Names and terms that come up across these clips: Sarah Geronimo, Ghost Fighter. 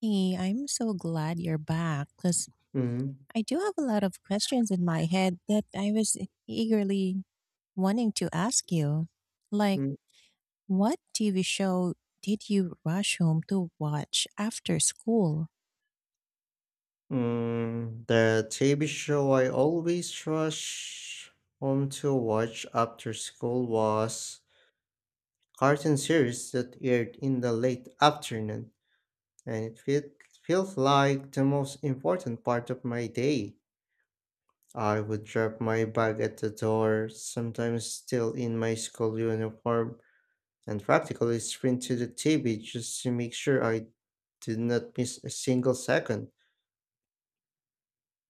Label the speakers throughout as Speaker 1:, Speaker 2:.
Speaker 1: Hey, I'm so glad you're back because
Speaker 2: Mhm,
Speaker 1: I do have a lot of questions in my head that I was eagerly wanting to ask you. Like,
Speaker 2: mm,
Speaker 1: what TV show did you rush home to watch after school?
Speaker 2: the TV show I always rush home to watch after school was cartoon series that aired in the late afternoon, and feels like the most important part of my day. I would drop my bag at the door, sometimes still in my school uniform, and practically sprint to the TV just to make sure I did not miss a single second.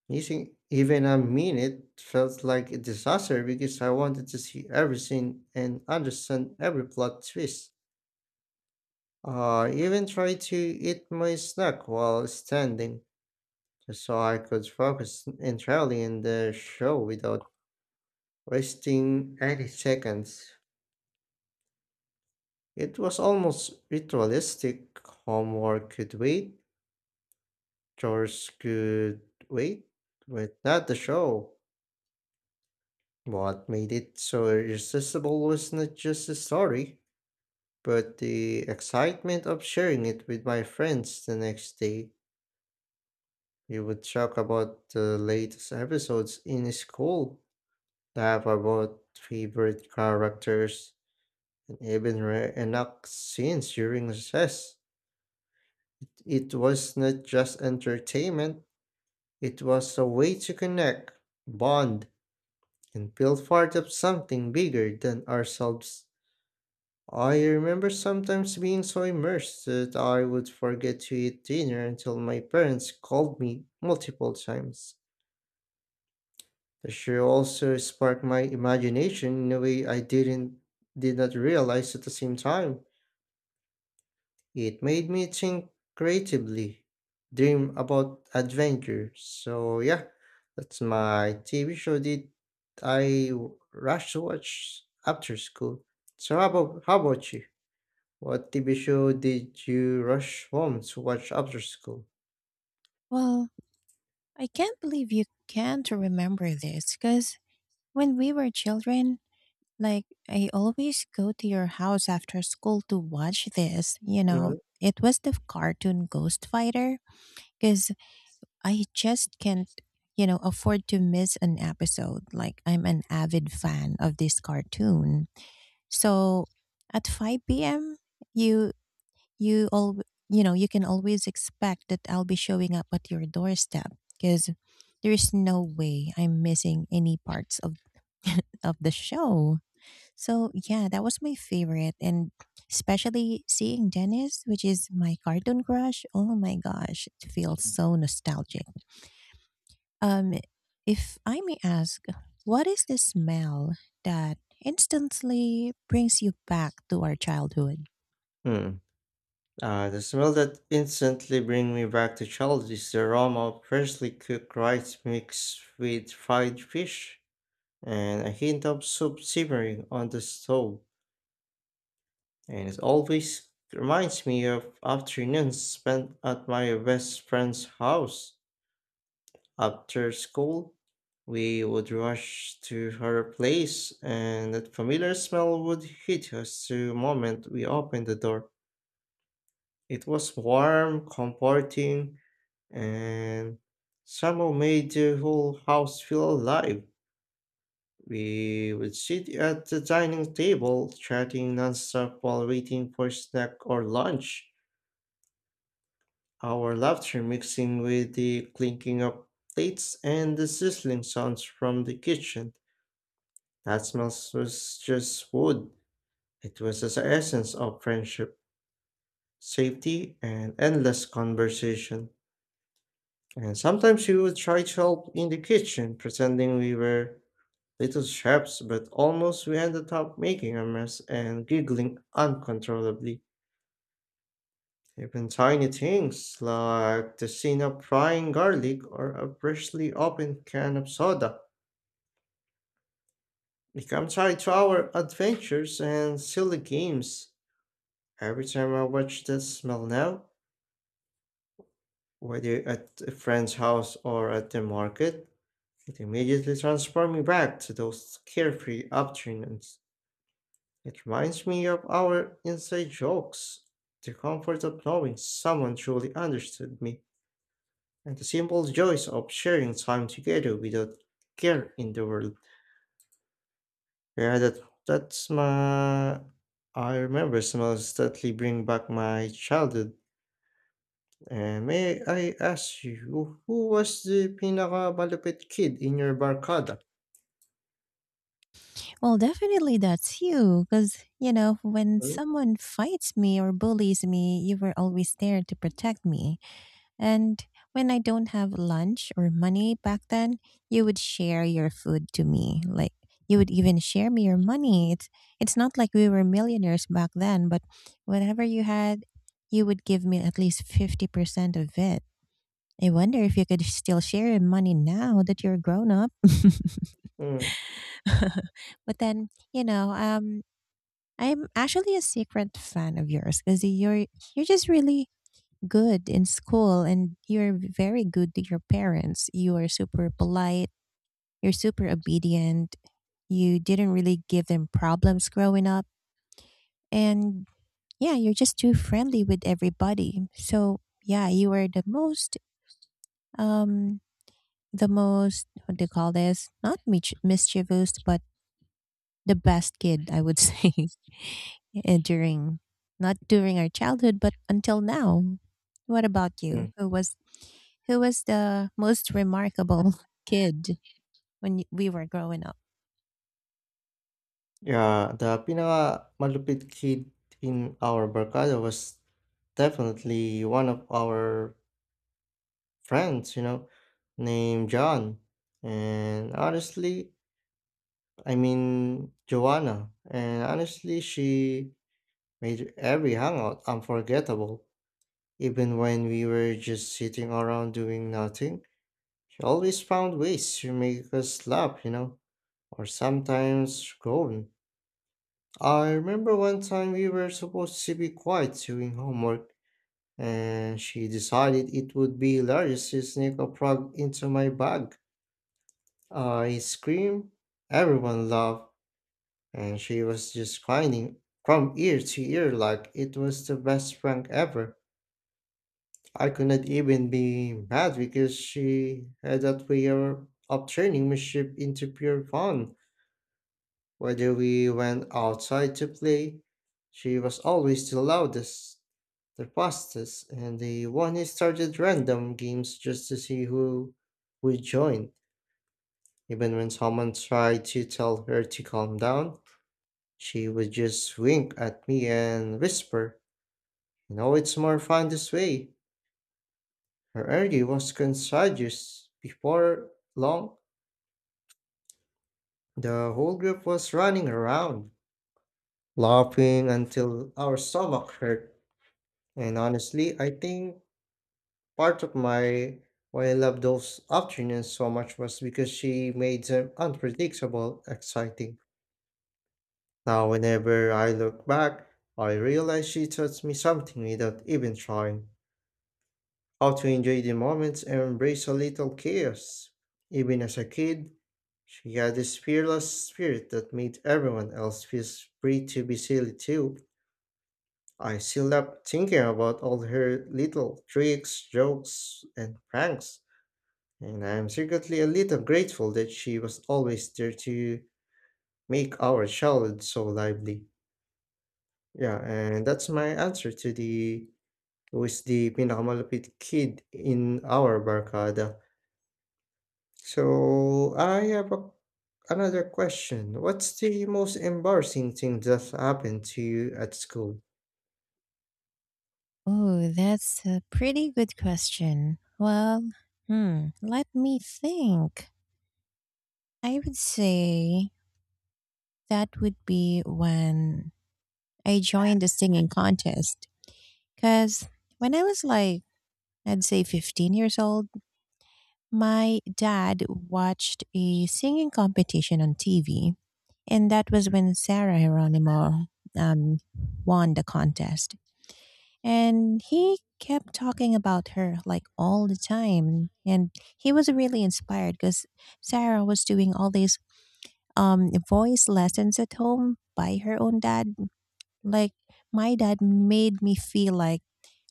Speaker 2: Missing even a minute felt like a disaster because I wanted to see everything and understand every plot twist. I even tried to eat my snack while standing, just so I could focus entirely on the show without wasting any seconds. It was almost ritualistic. Homework could wait, chores could wait, but not the show. What made it so irresistible was not just the story, but the excitement of sharing it with my friends the next day. We would talk about the latest episodes in school, laugh about favorite characters, and even reenact scenes during recess. It was not just entertainment, it was a way to connect, bond, and feel part of something bigger than ourselves. I remember sometimes being so immersed that I would forget to eat dinner until my parents called me multiple times. The show also sparked my imagination in a way I did not realize at the same time. It made me think creatively, dream about adventure. So yeah, that's my TV show that I rushed to watch after school. So how about you? What TV show did you rush home to watch after school?
Speaker 1: Well, I can't believe you can't remember this because when we were children, like, I always go to your house after school to watch this. You know,
Speaker 2: Mm.
Speaker 1: it was the cartoon Ghost Fighter because I just can't, afford to miss an episode. Like I'm an avid fan of this cartoon. So at 5 p.m., you you all you know, you can always expect that I'll be showing up at your doorstep because there is no way I'm missing any parts of of the show. So yeah, that was my favorite, and especially seeing Dennis, which is my cartoon crush. Oh my gosh, it feels so nostalgic. Um, if I may ask, what is the smell that instantly brings you back to our childhood?
Speaker 2: Hmm. The smell that instantly bring me back to childhood is the aroma of freshly cooked rice mixed with fried fish and a hint of soup simmering on the stove. And it always reminds me of afternoons spent at my best friend's house. After school, we would rush to her place, and that familiar smell would hit us the moment we opened the door. It was warm, comforting, and somehow made the whole house feel alive. We would sit at the dining table, chatting nonstop while waiting for snack or lunch, our laughter mixing with the clinking of plates and the sizzling sounds from the kitchen. That smell was just wood. It was the essence of friendship, safety, and endless conversation. And sometimes we would try to help in the kitchen, pretending we were little chefs, but almost we ended up making a mess and giggling uncontrollably. Even tiny things like the scene of frying garlic or a freshly opened can of soda become tied to our adventures and silly games. Every time I watch that smell now, whether at a friend's house or at the market, it immediately transports me back to those carefree afternoons. It reminds me of our inside jokes, the comfort of knowing someone truly understood me, and the simple joys of sharing time together without care in the world. Yeah, that that's my. I remember smells that really bring back my childhood. And may I ask you, who was the pinakamalupit kid in your barkada?
Speaker 1: Well, definitely that's you, because, you know, when
Speaker 2: Hmm.
Speaker 1: someone fights me or bullies me, you were always there to protect me. And when I don't have lunch or money back then, you would share your food to me. Like, you would even share me your money. It's not like we were millionaires back then, but whatever you had, you would give me at least 50% of it. I wonder if you could still share your money now that you're grown up.
Speaker 2: Mm,
Speaker 1: But then, I'm actually a secret fan of yours because you're just really good in school, and you're very good to your parents. You are super polite, you're super obedient, you didn't really give them problems growing up, and yeah, you're just too friendly with everybody. So, yeah, you are um, the most, what do you call this? Not mischievous, but the best kid, I would say. During not during our childhood, but until now, what about you?
Speaker 2: mm.
Speaker 1: Who was, who was the most remarkable kid when we were growing up?
Speaker 2: Yeah, the pinakamalupit kid in our barkada was definitely one of our friends, you know, named John. And honestly, I mean, Joanna. And honestly, she made every hangout unforgettable, even when we were just sitting around doing nothing. She always found ways to make us laugh, you know, or sometimes groan. I remember one time we were supposed to be quiet doing homework, and she decided it would be hilarious to sneak a frog into my bag. I screamed, everyone laughed, and she was just crying from ear to ear like it was the best prank ever. I could not even be mad because she had that way of turning mischief into pure fun. Whether we went outside to play, she was always the loudest, the fastest, and the one who started random games just to see who would join. Even when someone tried to tell her to calm down, she would just wink at me and whisper, "You know, it's more fun this way." Her energy was contagious. Before long, the whole group was running around, laughing until our stomach hurt. And honestly, I think part of my why I love those afternoons so much was because she made them unpredictable, exciting. Now, whenever I look back, I realize she taught me something without even trying. How to enjoy the moments and embrace a little chaos. Even as a kid, she had this fearless spirit that made everyone else feel free to be silly too. I still love thinking about all her little tricks, jokes, and pranks. And I'm secretly a little grateful that she was always there to make our childhood so lively. Yeah, and that's my answer to the who is the pinakamalupit kid in our barkada. So I have another question. What's the most embarrassing thing that happened to you at school?
Speaker 1: Oh, that's a pretty good question. Well, hmm, let me think. I would say that would be when I joined the singing contest. Because when I was like, I'd say 15 years old. My dad watched a singing competition on TV, and that was when Sarah Geronimo um, won the contest. And he kept talking about her like all the time. And he was really inspired because Sarah was doing all these voice lessons at home by her own dad. Like, my dad made me feel like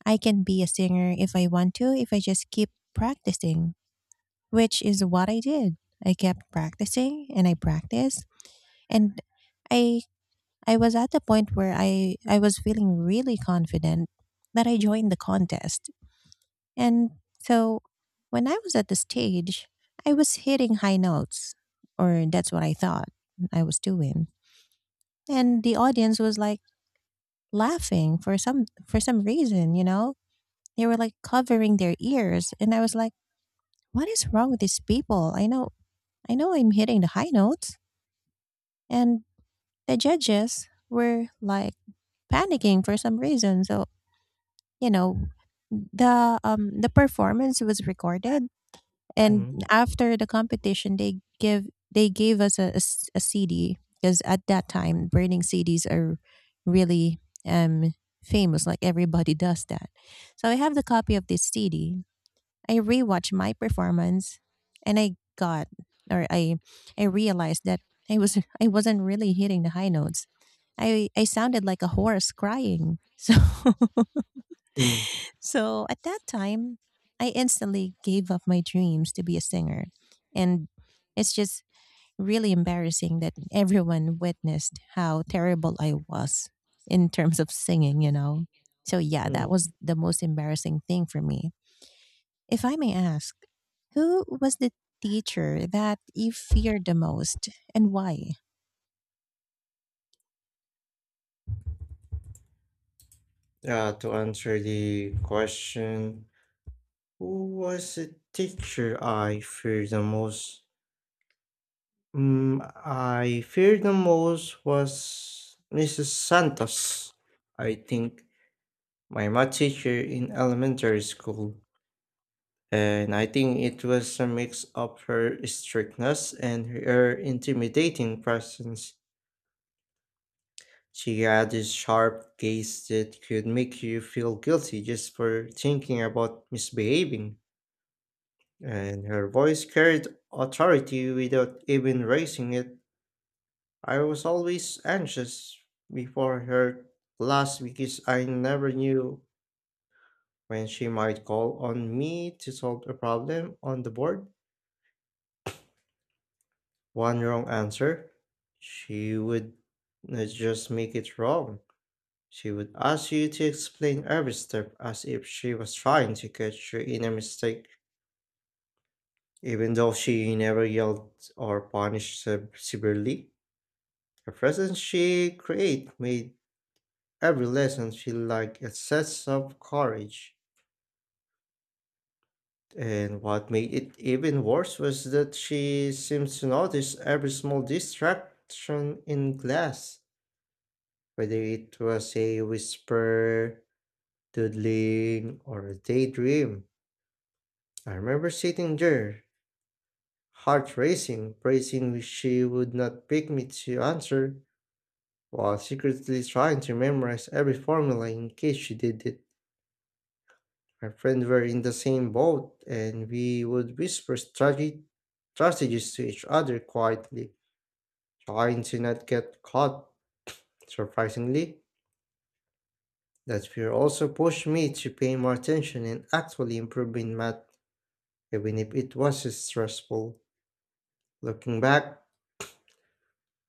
Speaker 1: I can be a singer if I want to, if I just keep practicing, which is what I did. I kept practicing and I practiced, and I I was at the point where I was feeling really confident that I joined the contest. And so when I was at the stage, I was hitting high notes, or that's what I thought I was doing. And the audience was like laughing for some reason, you know? They were like covering their ears, and I was like, "What is wrong with these people? I know I'm hitting the high notes." And the judges were like panicking for some reason. So, you know, the performance was recorded, and
Speaker 2: Mm.
Speaker 1: after the competition they give they gave us a CD, because at that time burning CDs are really um famous, like everybody does that. So I have the copy of this CD. I rewatched my performance, and I got or I realized that I was I wasn't really hitting the high notes. I sounded like a horse crying. So
Speaker 2: Mm.
Speaker 1: so at that time, I instantly gave up my dreams to be a singer. And it's just really embarrassing that everyone witnessed how terrible I was in terms of singing, you know. So yeah,
Speaker 2: Mm.
Speaker 1: that was the most embarrassing thing for me. If I may ask, who was the teacher that you feared the most, and why?
Speaker 2: To answer the question, who was a teacher I feared the most? I feared the most was Mrs. Santos. I think my math teacher in elementary school, and I think it was a mix of her strictness and her intimidating presence. She had this sharp gaze that could make you feel guilty just for thinking about misbehaving. And her voice carried authority without even raising it. I was always anxious before her last because I never knew when she might call on me to solve a problem on the board. One wrong answer, she would not just make it wrong. She would ask you to explain every step as if she was trying to catch you in a mistake, even though she never yelled or punished severely. The presence she created made every lesson feel like a sense of courage. And what made it even worse was that she seemed to notice every small distraction in class, whether it was a whisper, doodling, or a daydream. I remember sitting there, heart racing, bracing which she would not pick me to answer, while secretly trying to memorize every formula in case she did it. My friends were in the same boat, and we would whisper strategies to each other quietly, trying to not get caught. Surprisingly, that fear also pushed me to pay more attention and actually improve in math, even if it was stressful. Looking back,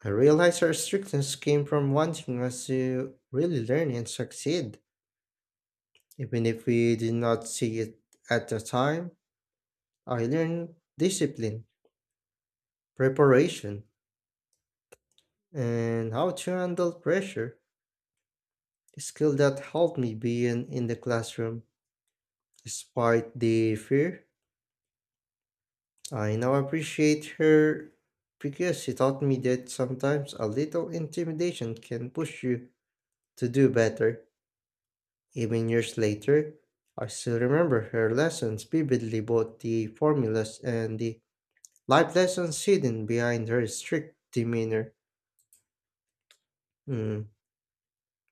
Speaker 2: I realized our strictness came from wanting us to really learn and succeed, even if we did not see it at the time. I learned discipline, preparation, and how to handle pressure, a skill that helped me being in the classroom. Despite the fear, I now appreciate her because she taught me that sometimes a little intimidation can push you to do better. Even years later, I still remember her lessons vividly, both the formulas and the life lessons hidden behind her strict demeanor. Hmm,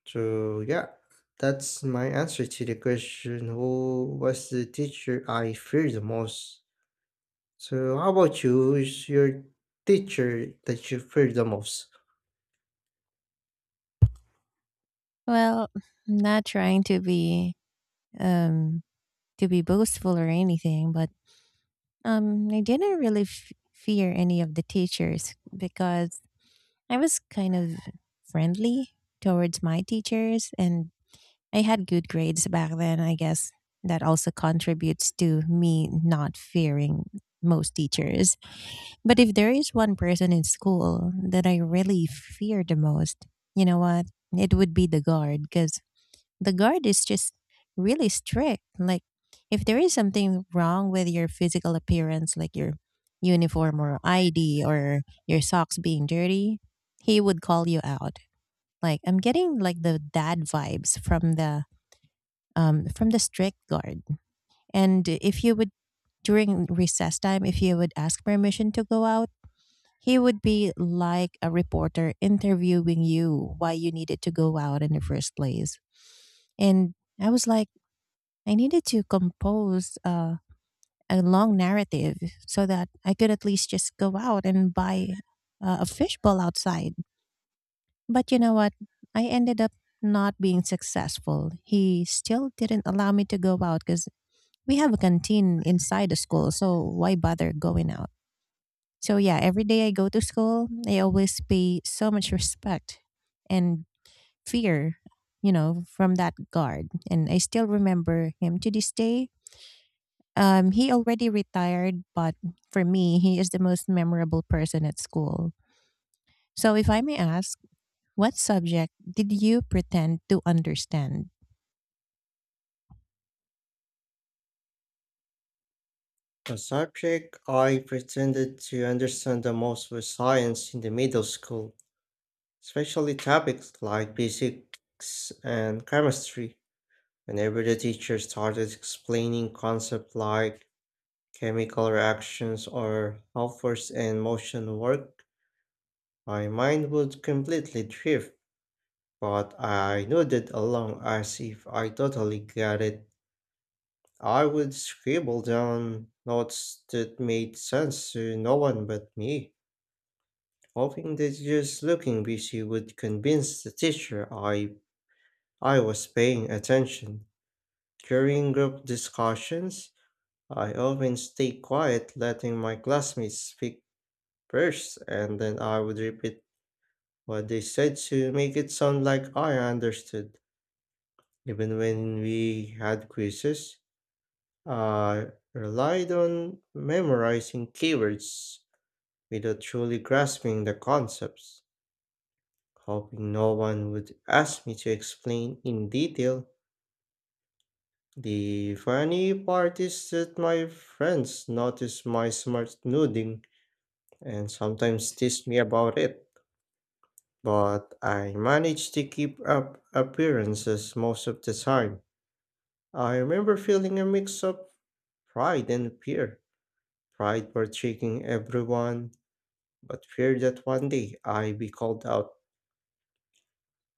Speaker 2: So yeah, that's my answer to the question, who was the teacher I fear the most? So how about you? Who's your teacher that you fear the most?
Speaker 1: Well, not trying um to be boastful or anything, but I didn't really fear any of the teachers because I was kind of friendly towards my teachers, and I had good grades back then, I guess. That also contributes to me not fearing most teachers. But if there is one person in school that I really fear the most, you know what? It would be the guard, because the guard is just really strict. Like, if there is something wrong with your physical appearance, like your uniform or ID or your socks being dirty, he would call you out. Like, I'm getting like the dad vibes from the strict guard. And if you would during recess time, if you would ask permission to go out, he would be like a reporter interviewing you why you needed to go out in the first place. And I was like, I needed to compose a long narrative so that I could at least just go out and buy a fishbowl outside. But you know what? I ended up not being successful. He still didn't allow me to go out because we have a canteen inside the school, so why bother going out? So yeah, every day I go to school, I always pay so much respect and fear, you know, from that guard. And I still remember him to this day. He already retired, but for me, he is the most memorable person at school. So if I may ask, what subject did you pretend to understand?
Speaker 2: A subject I pretended to understand the most was science in the middle school, especially topics like physics and chemistry. Whenever the teacher started explaining concepts like chemical reactions or how force and motion work, my mind would completely drift, but I nodded along as if I totally got it. I would scribble down notes that made sense to no one but me, hoping that just looking busy would convince the teacher I was paying attention. During group discussions, I often stayed quiet, letting my classmates speak first, and then I would repeat what they said to make it sound like I understood. Even when we had quizzes, I relied on memorizing keywords without truly grasping the concepts, hoping no one would ask me to explain in detail. The funny part is that my friends noticed my smart noodling and sometimes teased me about it, but I managed to keep up appearances most of the time. I remember feeling a mix of pride and fear. Pride for checking everyone, but fear that one day I'd be called out.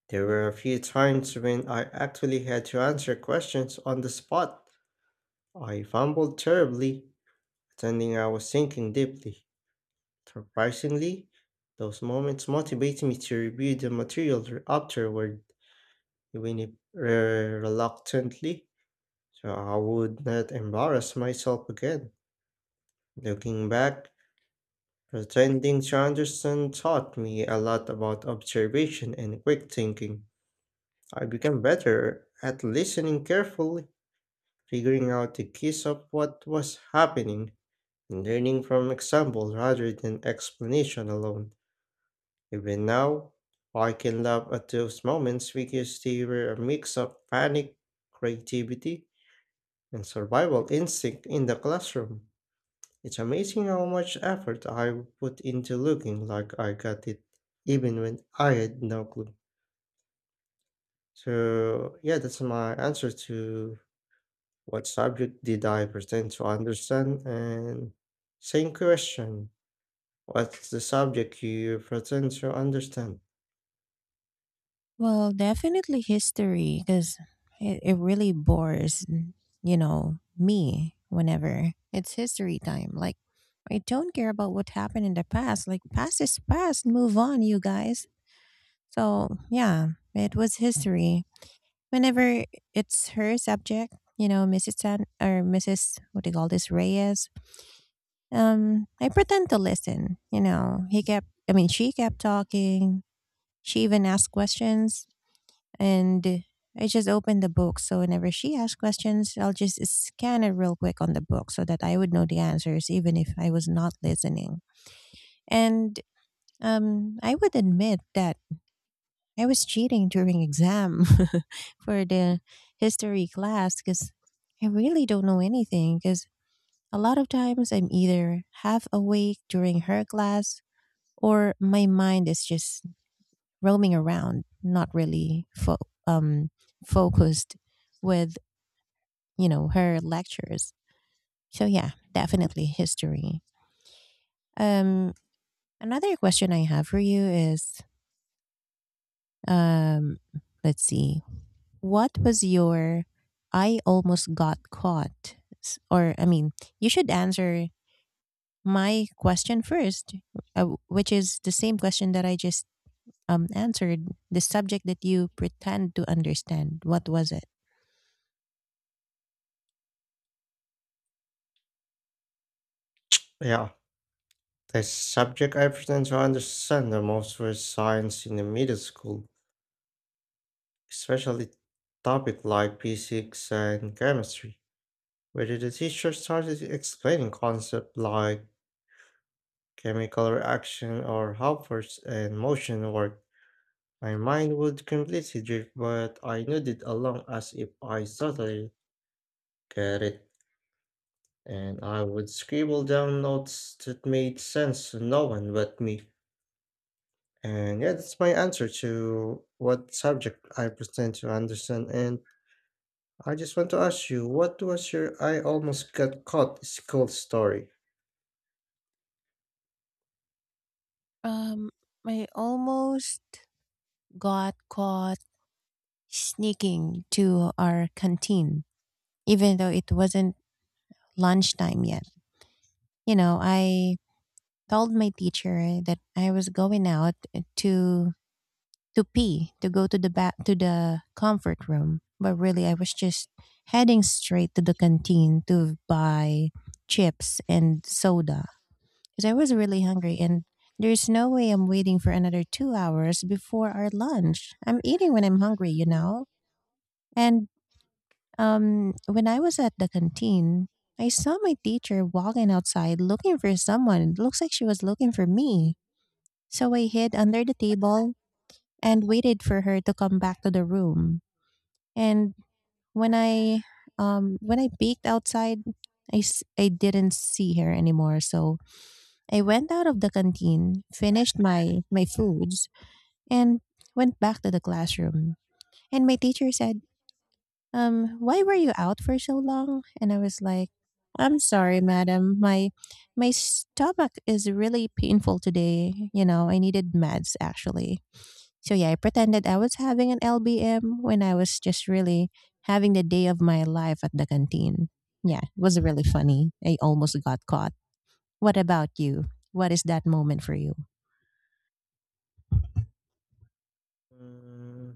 Speaker 2: There were a few times when I actually had to answer questions on the spot. I fumbled terribly, pretending I was thinking deeply. Surprisingly, those moments motivated me to review the material afterward, even if uh, reluctantly, so I would not embarrass myself again. Looking back, attending Sanderson taught me a lot about observation and quick thinking. I became better at listening carefully, figuring out the keys of what was happening, and learning from example rather than explanation alone. Even now, I can laugh at those moments because they were a mix of panic, creativity, and survival instinct in the classroom. It's amazing how much effort I put into looking like I got it, even when I had no clue. So, yeah, that's my answer to what subject did I pretend to understand? And same question, what's the subject you pretend to understand?
Speaker 1: Well, definitely history because it really bores, you know, me whenever it's history time. Like, I don't care about what happened in the past. Like, past is past. Move on, you guys. So, yeah, it was history. Whenever it's her subject, you know, Mrs. San, or Mrs. What do you call this? Reyes. I pretend to listen. You know, he kept. I mean, she kept talking. She even asked questions, and I just open the book. So whenever she asks questions, I'll just scan it real quick on the book so that I would know the answers, even if I was not listening. And I would admit that I was cheating during exam for the history class because I really don't know anything. Because a lot of times I'm either half awake during her class, or my mind is just roaming around, not really um, focused with, you know, her lectures. So yeah, definitely history. Um, Another question I have for you is, um, let's see, what was your I almost got caught? Or I mean, you should answer my question first, which is the same question that I just answered. The subject that you pretend to understand. What was it?
Speaker 2: Yeah, the subject I pretend to understand the most was science in the middle school, especially topic like physics and chemistry. Whether the teacher started explaining concepts like chemical reaction or how force and motion work, my mind would completely drift, but I nodded along as if I totally get it, and I would scribble down notes that made sense to no one but me. And yeah, that's my answer to what subject I pretend to understand. And I just want to ask you, what was your I almost got caught school story?
Speaker 1: Um, I almost got caught sneaking to our canteen, even though it wasn't lunchtime yet. You know, I told my teacher that I was going out to to pee to go to the back to the comfort room, but really I was just heading straight to the canteen to buy chips and soda because I was really hungry, and there's no way I'm waiting for another 2 hours before our lunch. I'm eating when I'm hungry, you know? And when I was at the canteen, I saw my teacher walking outside looking for someone. It looks like she was looking for me. So I hid under the table and waited for her to come back to the room. And when I when I peeked outside, I didn't see her anymore. So I went out of the canteen, finished my foods, and went back to the classroom. And my teacher said, why were you out for so long? And I was like, I'm sorry, madam. My stomach is really painful today. You know, I needed meds actually. So yeah, I pretended I was having an LBM when I was just really having the day of my life at the canteen. Yeah, it was really funny. I almost got caught. What about you? What is that moment for you?
Speaker 2: Mm,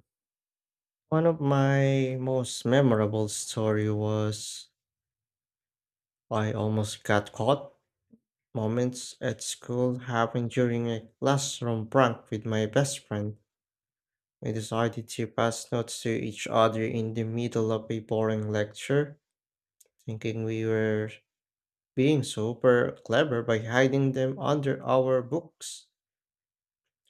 Speaker 2: One of my most memorable story was I almost got caught moments at school happened during a classroom prank with my best friend. We decided to pass notes to each other in the middle of a boring lecture, thinking we were being super clever by hiding them under our books.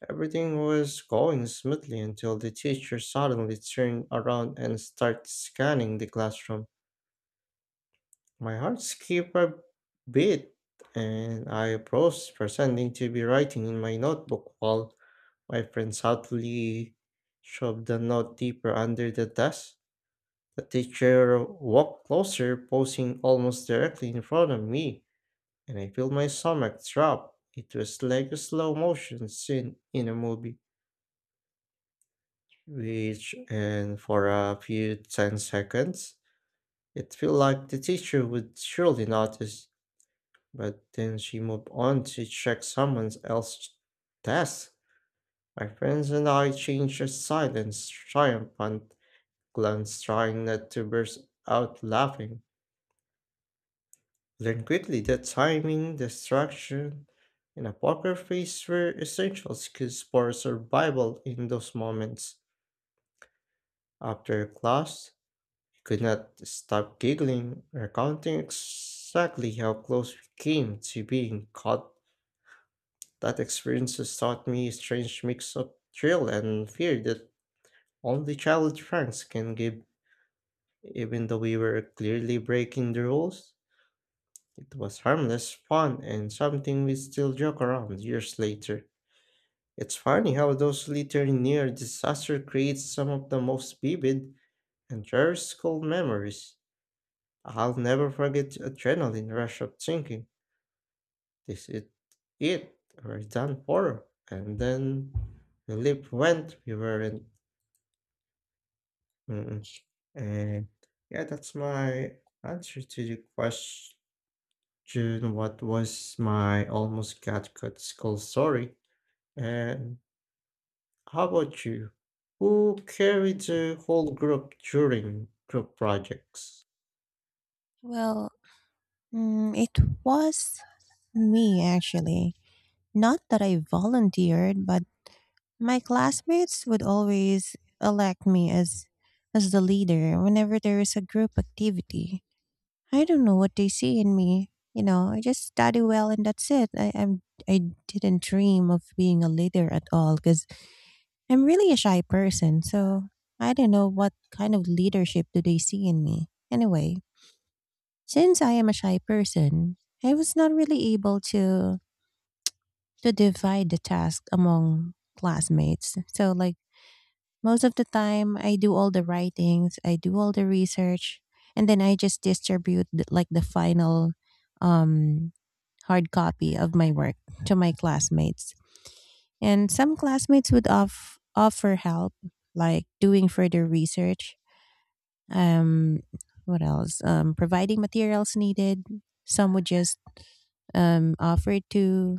Speaker 2: Everything was going smoothly until the teacher suddenly turned around and started scanning the classroom. My heart skipped a beat, and I approached, pretending to be writing in my notebook while my friend subtly shoved the note deeper under the desk. The teacher walked closer, posing almost directly in front of me, and I felt my stomach drop. It was like a slow motion scene in a movie, which, and for a few 10 seconds, it felt like the teacher would surely notice. But then she moved on to check someone else's desk. My friends and I exchanged a silent, triumphant glance, trying not to burst out laughing. Learned quickly that timing, distraction, and a poker face were essential skills for survival in those moments. After class, I could not stop giggling, recounting exactly how close we came to being caught. That experience has taught me a strange mix of thrill and fear that only childhood pranks can give. Even though we were clearly breaking the rules, it was harmless, fun, and something we still joke around years later. It's funny how those little near disaster creates some of the most vivid and cherished school memories. I'll never forget the adrenaline rush of thinking, this is it, we're done for. And then the leap went, we were not. Mm, and yeah, that's my answer to the question. What was my almost got cut skull story? And how about you? Who carried the whole group during group projects?
Speaker 1: Well, mm, it was me actually. Not that I volunteered, but my classmates would always elect me as the leader whenever there is a group activity. I don't know what they see in me. You know, I just study well and that's it. I didn't dream of being a leader at all because I'm really a shy person. So I don't know what kind of leadership do they see in me. Anyway, since I am a shy person, I was not really able to divide the task among classmates. So like, most of the time, I do all the writings, I do all the research, and then I just distribute the, like the final um, hard copy of my work to my classmates. And some classmates would offer help, like doing further research. Um, what else? Providing materials needed. Some would just offer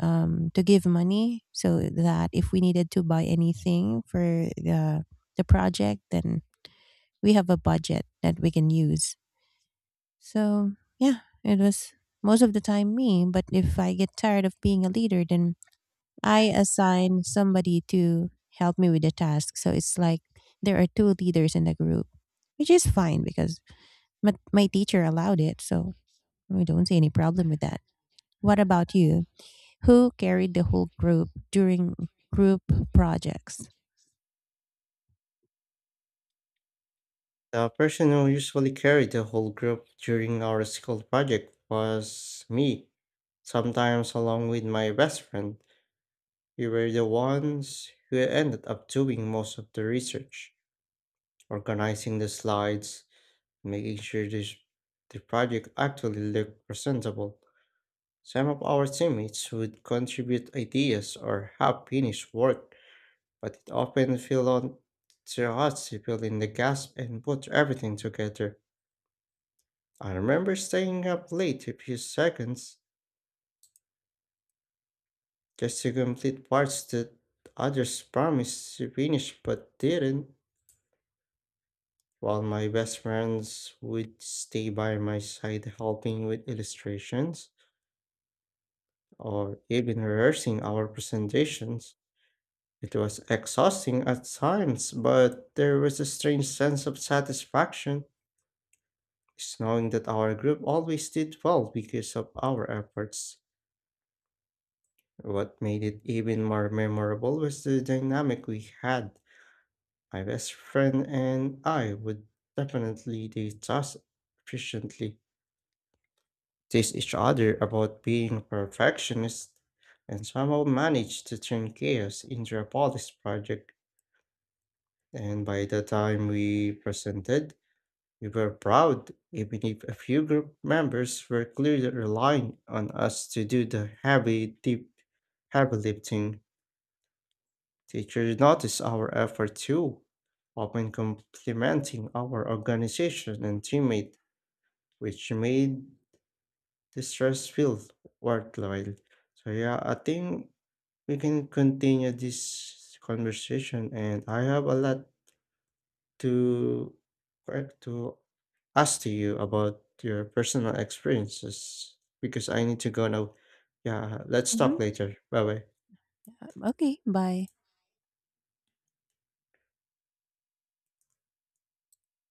Speaker 1: to give money so that if we needed to buy anything for the project, then we have a budget that we can use. So, yeah, it was most of the time me. But if I get tired of being a leader, then I assign somebody to help me with the task. So it's like there are two leaders in the group, which is fine because my teacher allowed it. So we don't see any problem with that. What about you? Who carried the whole group during group projects?
Speaker 2: The person who usually carried the whole group during our school project was me, sometimes along with my best friend. We were the ones who ended up doing most of the research, organizing the slides, making sure this, the project actually looked presentable. Some of our teammates would contribute ideas or half finished work, but it often fell on to us to fill in the gaps and put everything together. I remember staying up late a few seconds just to complete parts that others promised to finish but didn't, while my best friends would stay by my side helping with illustrations or even rehearsing our presentations. It was exhausting at times, but there was a strange sense of satisfaction, just knowing that our group always did well because of our efforts. What made it even more memorable was the dynamic we had. My best friend and I would definitely do tasks efficiently, tease each other about being perfectionists, and somehow manage to turn chaos into a polished project. And by the time we presented, we were proud, even if a few group members were clearly relying on us to do the heavy, deep, heavy lifting. Teachers noticed our effort too, often complimenting our organization and teammate, which made the stress feel worthwhile. So yeah, I think we can continue this conversation, and I have a lot to correct to ask to you about your personal experiences because I need to go now. Yeah, let's
Speaker 1: Hmm.
Speaker 2: talk later. Bye bye.
Speaker 1: Okay, bye.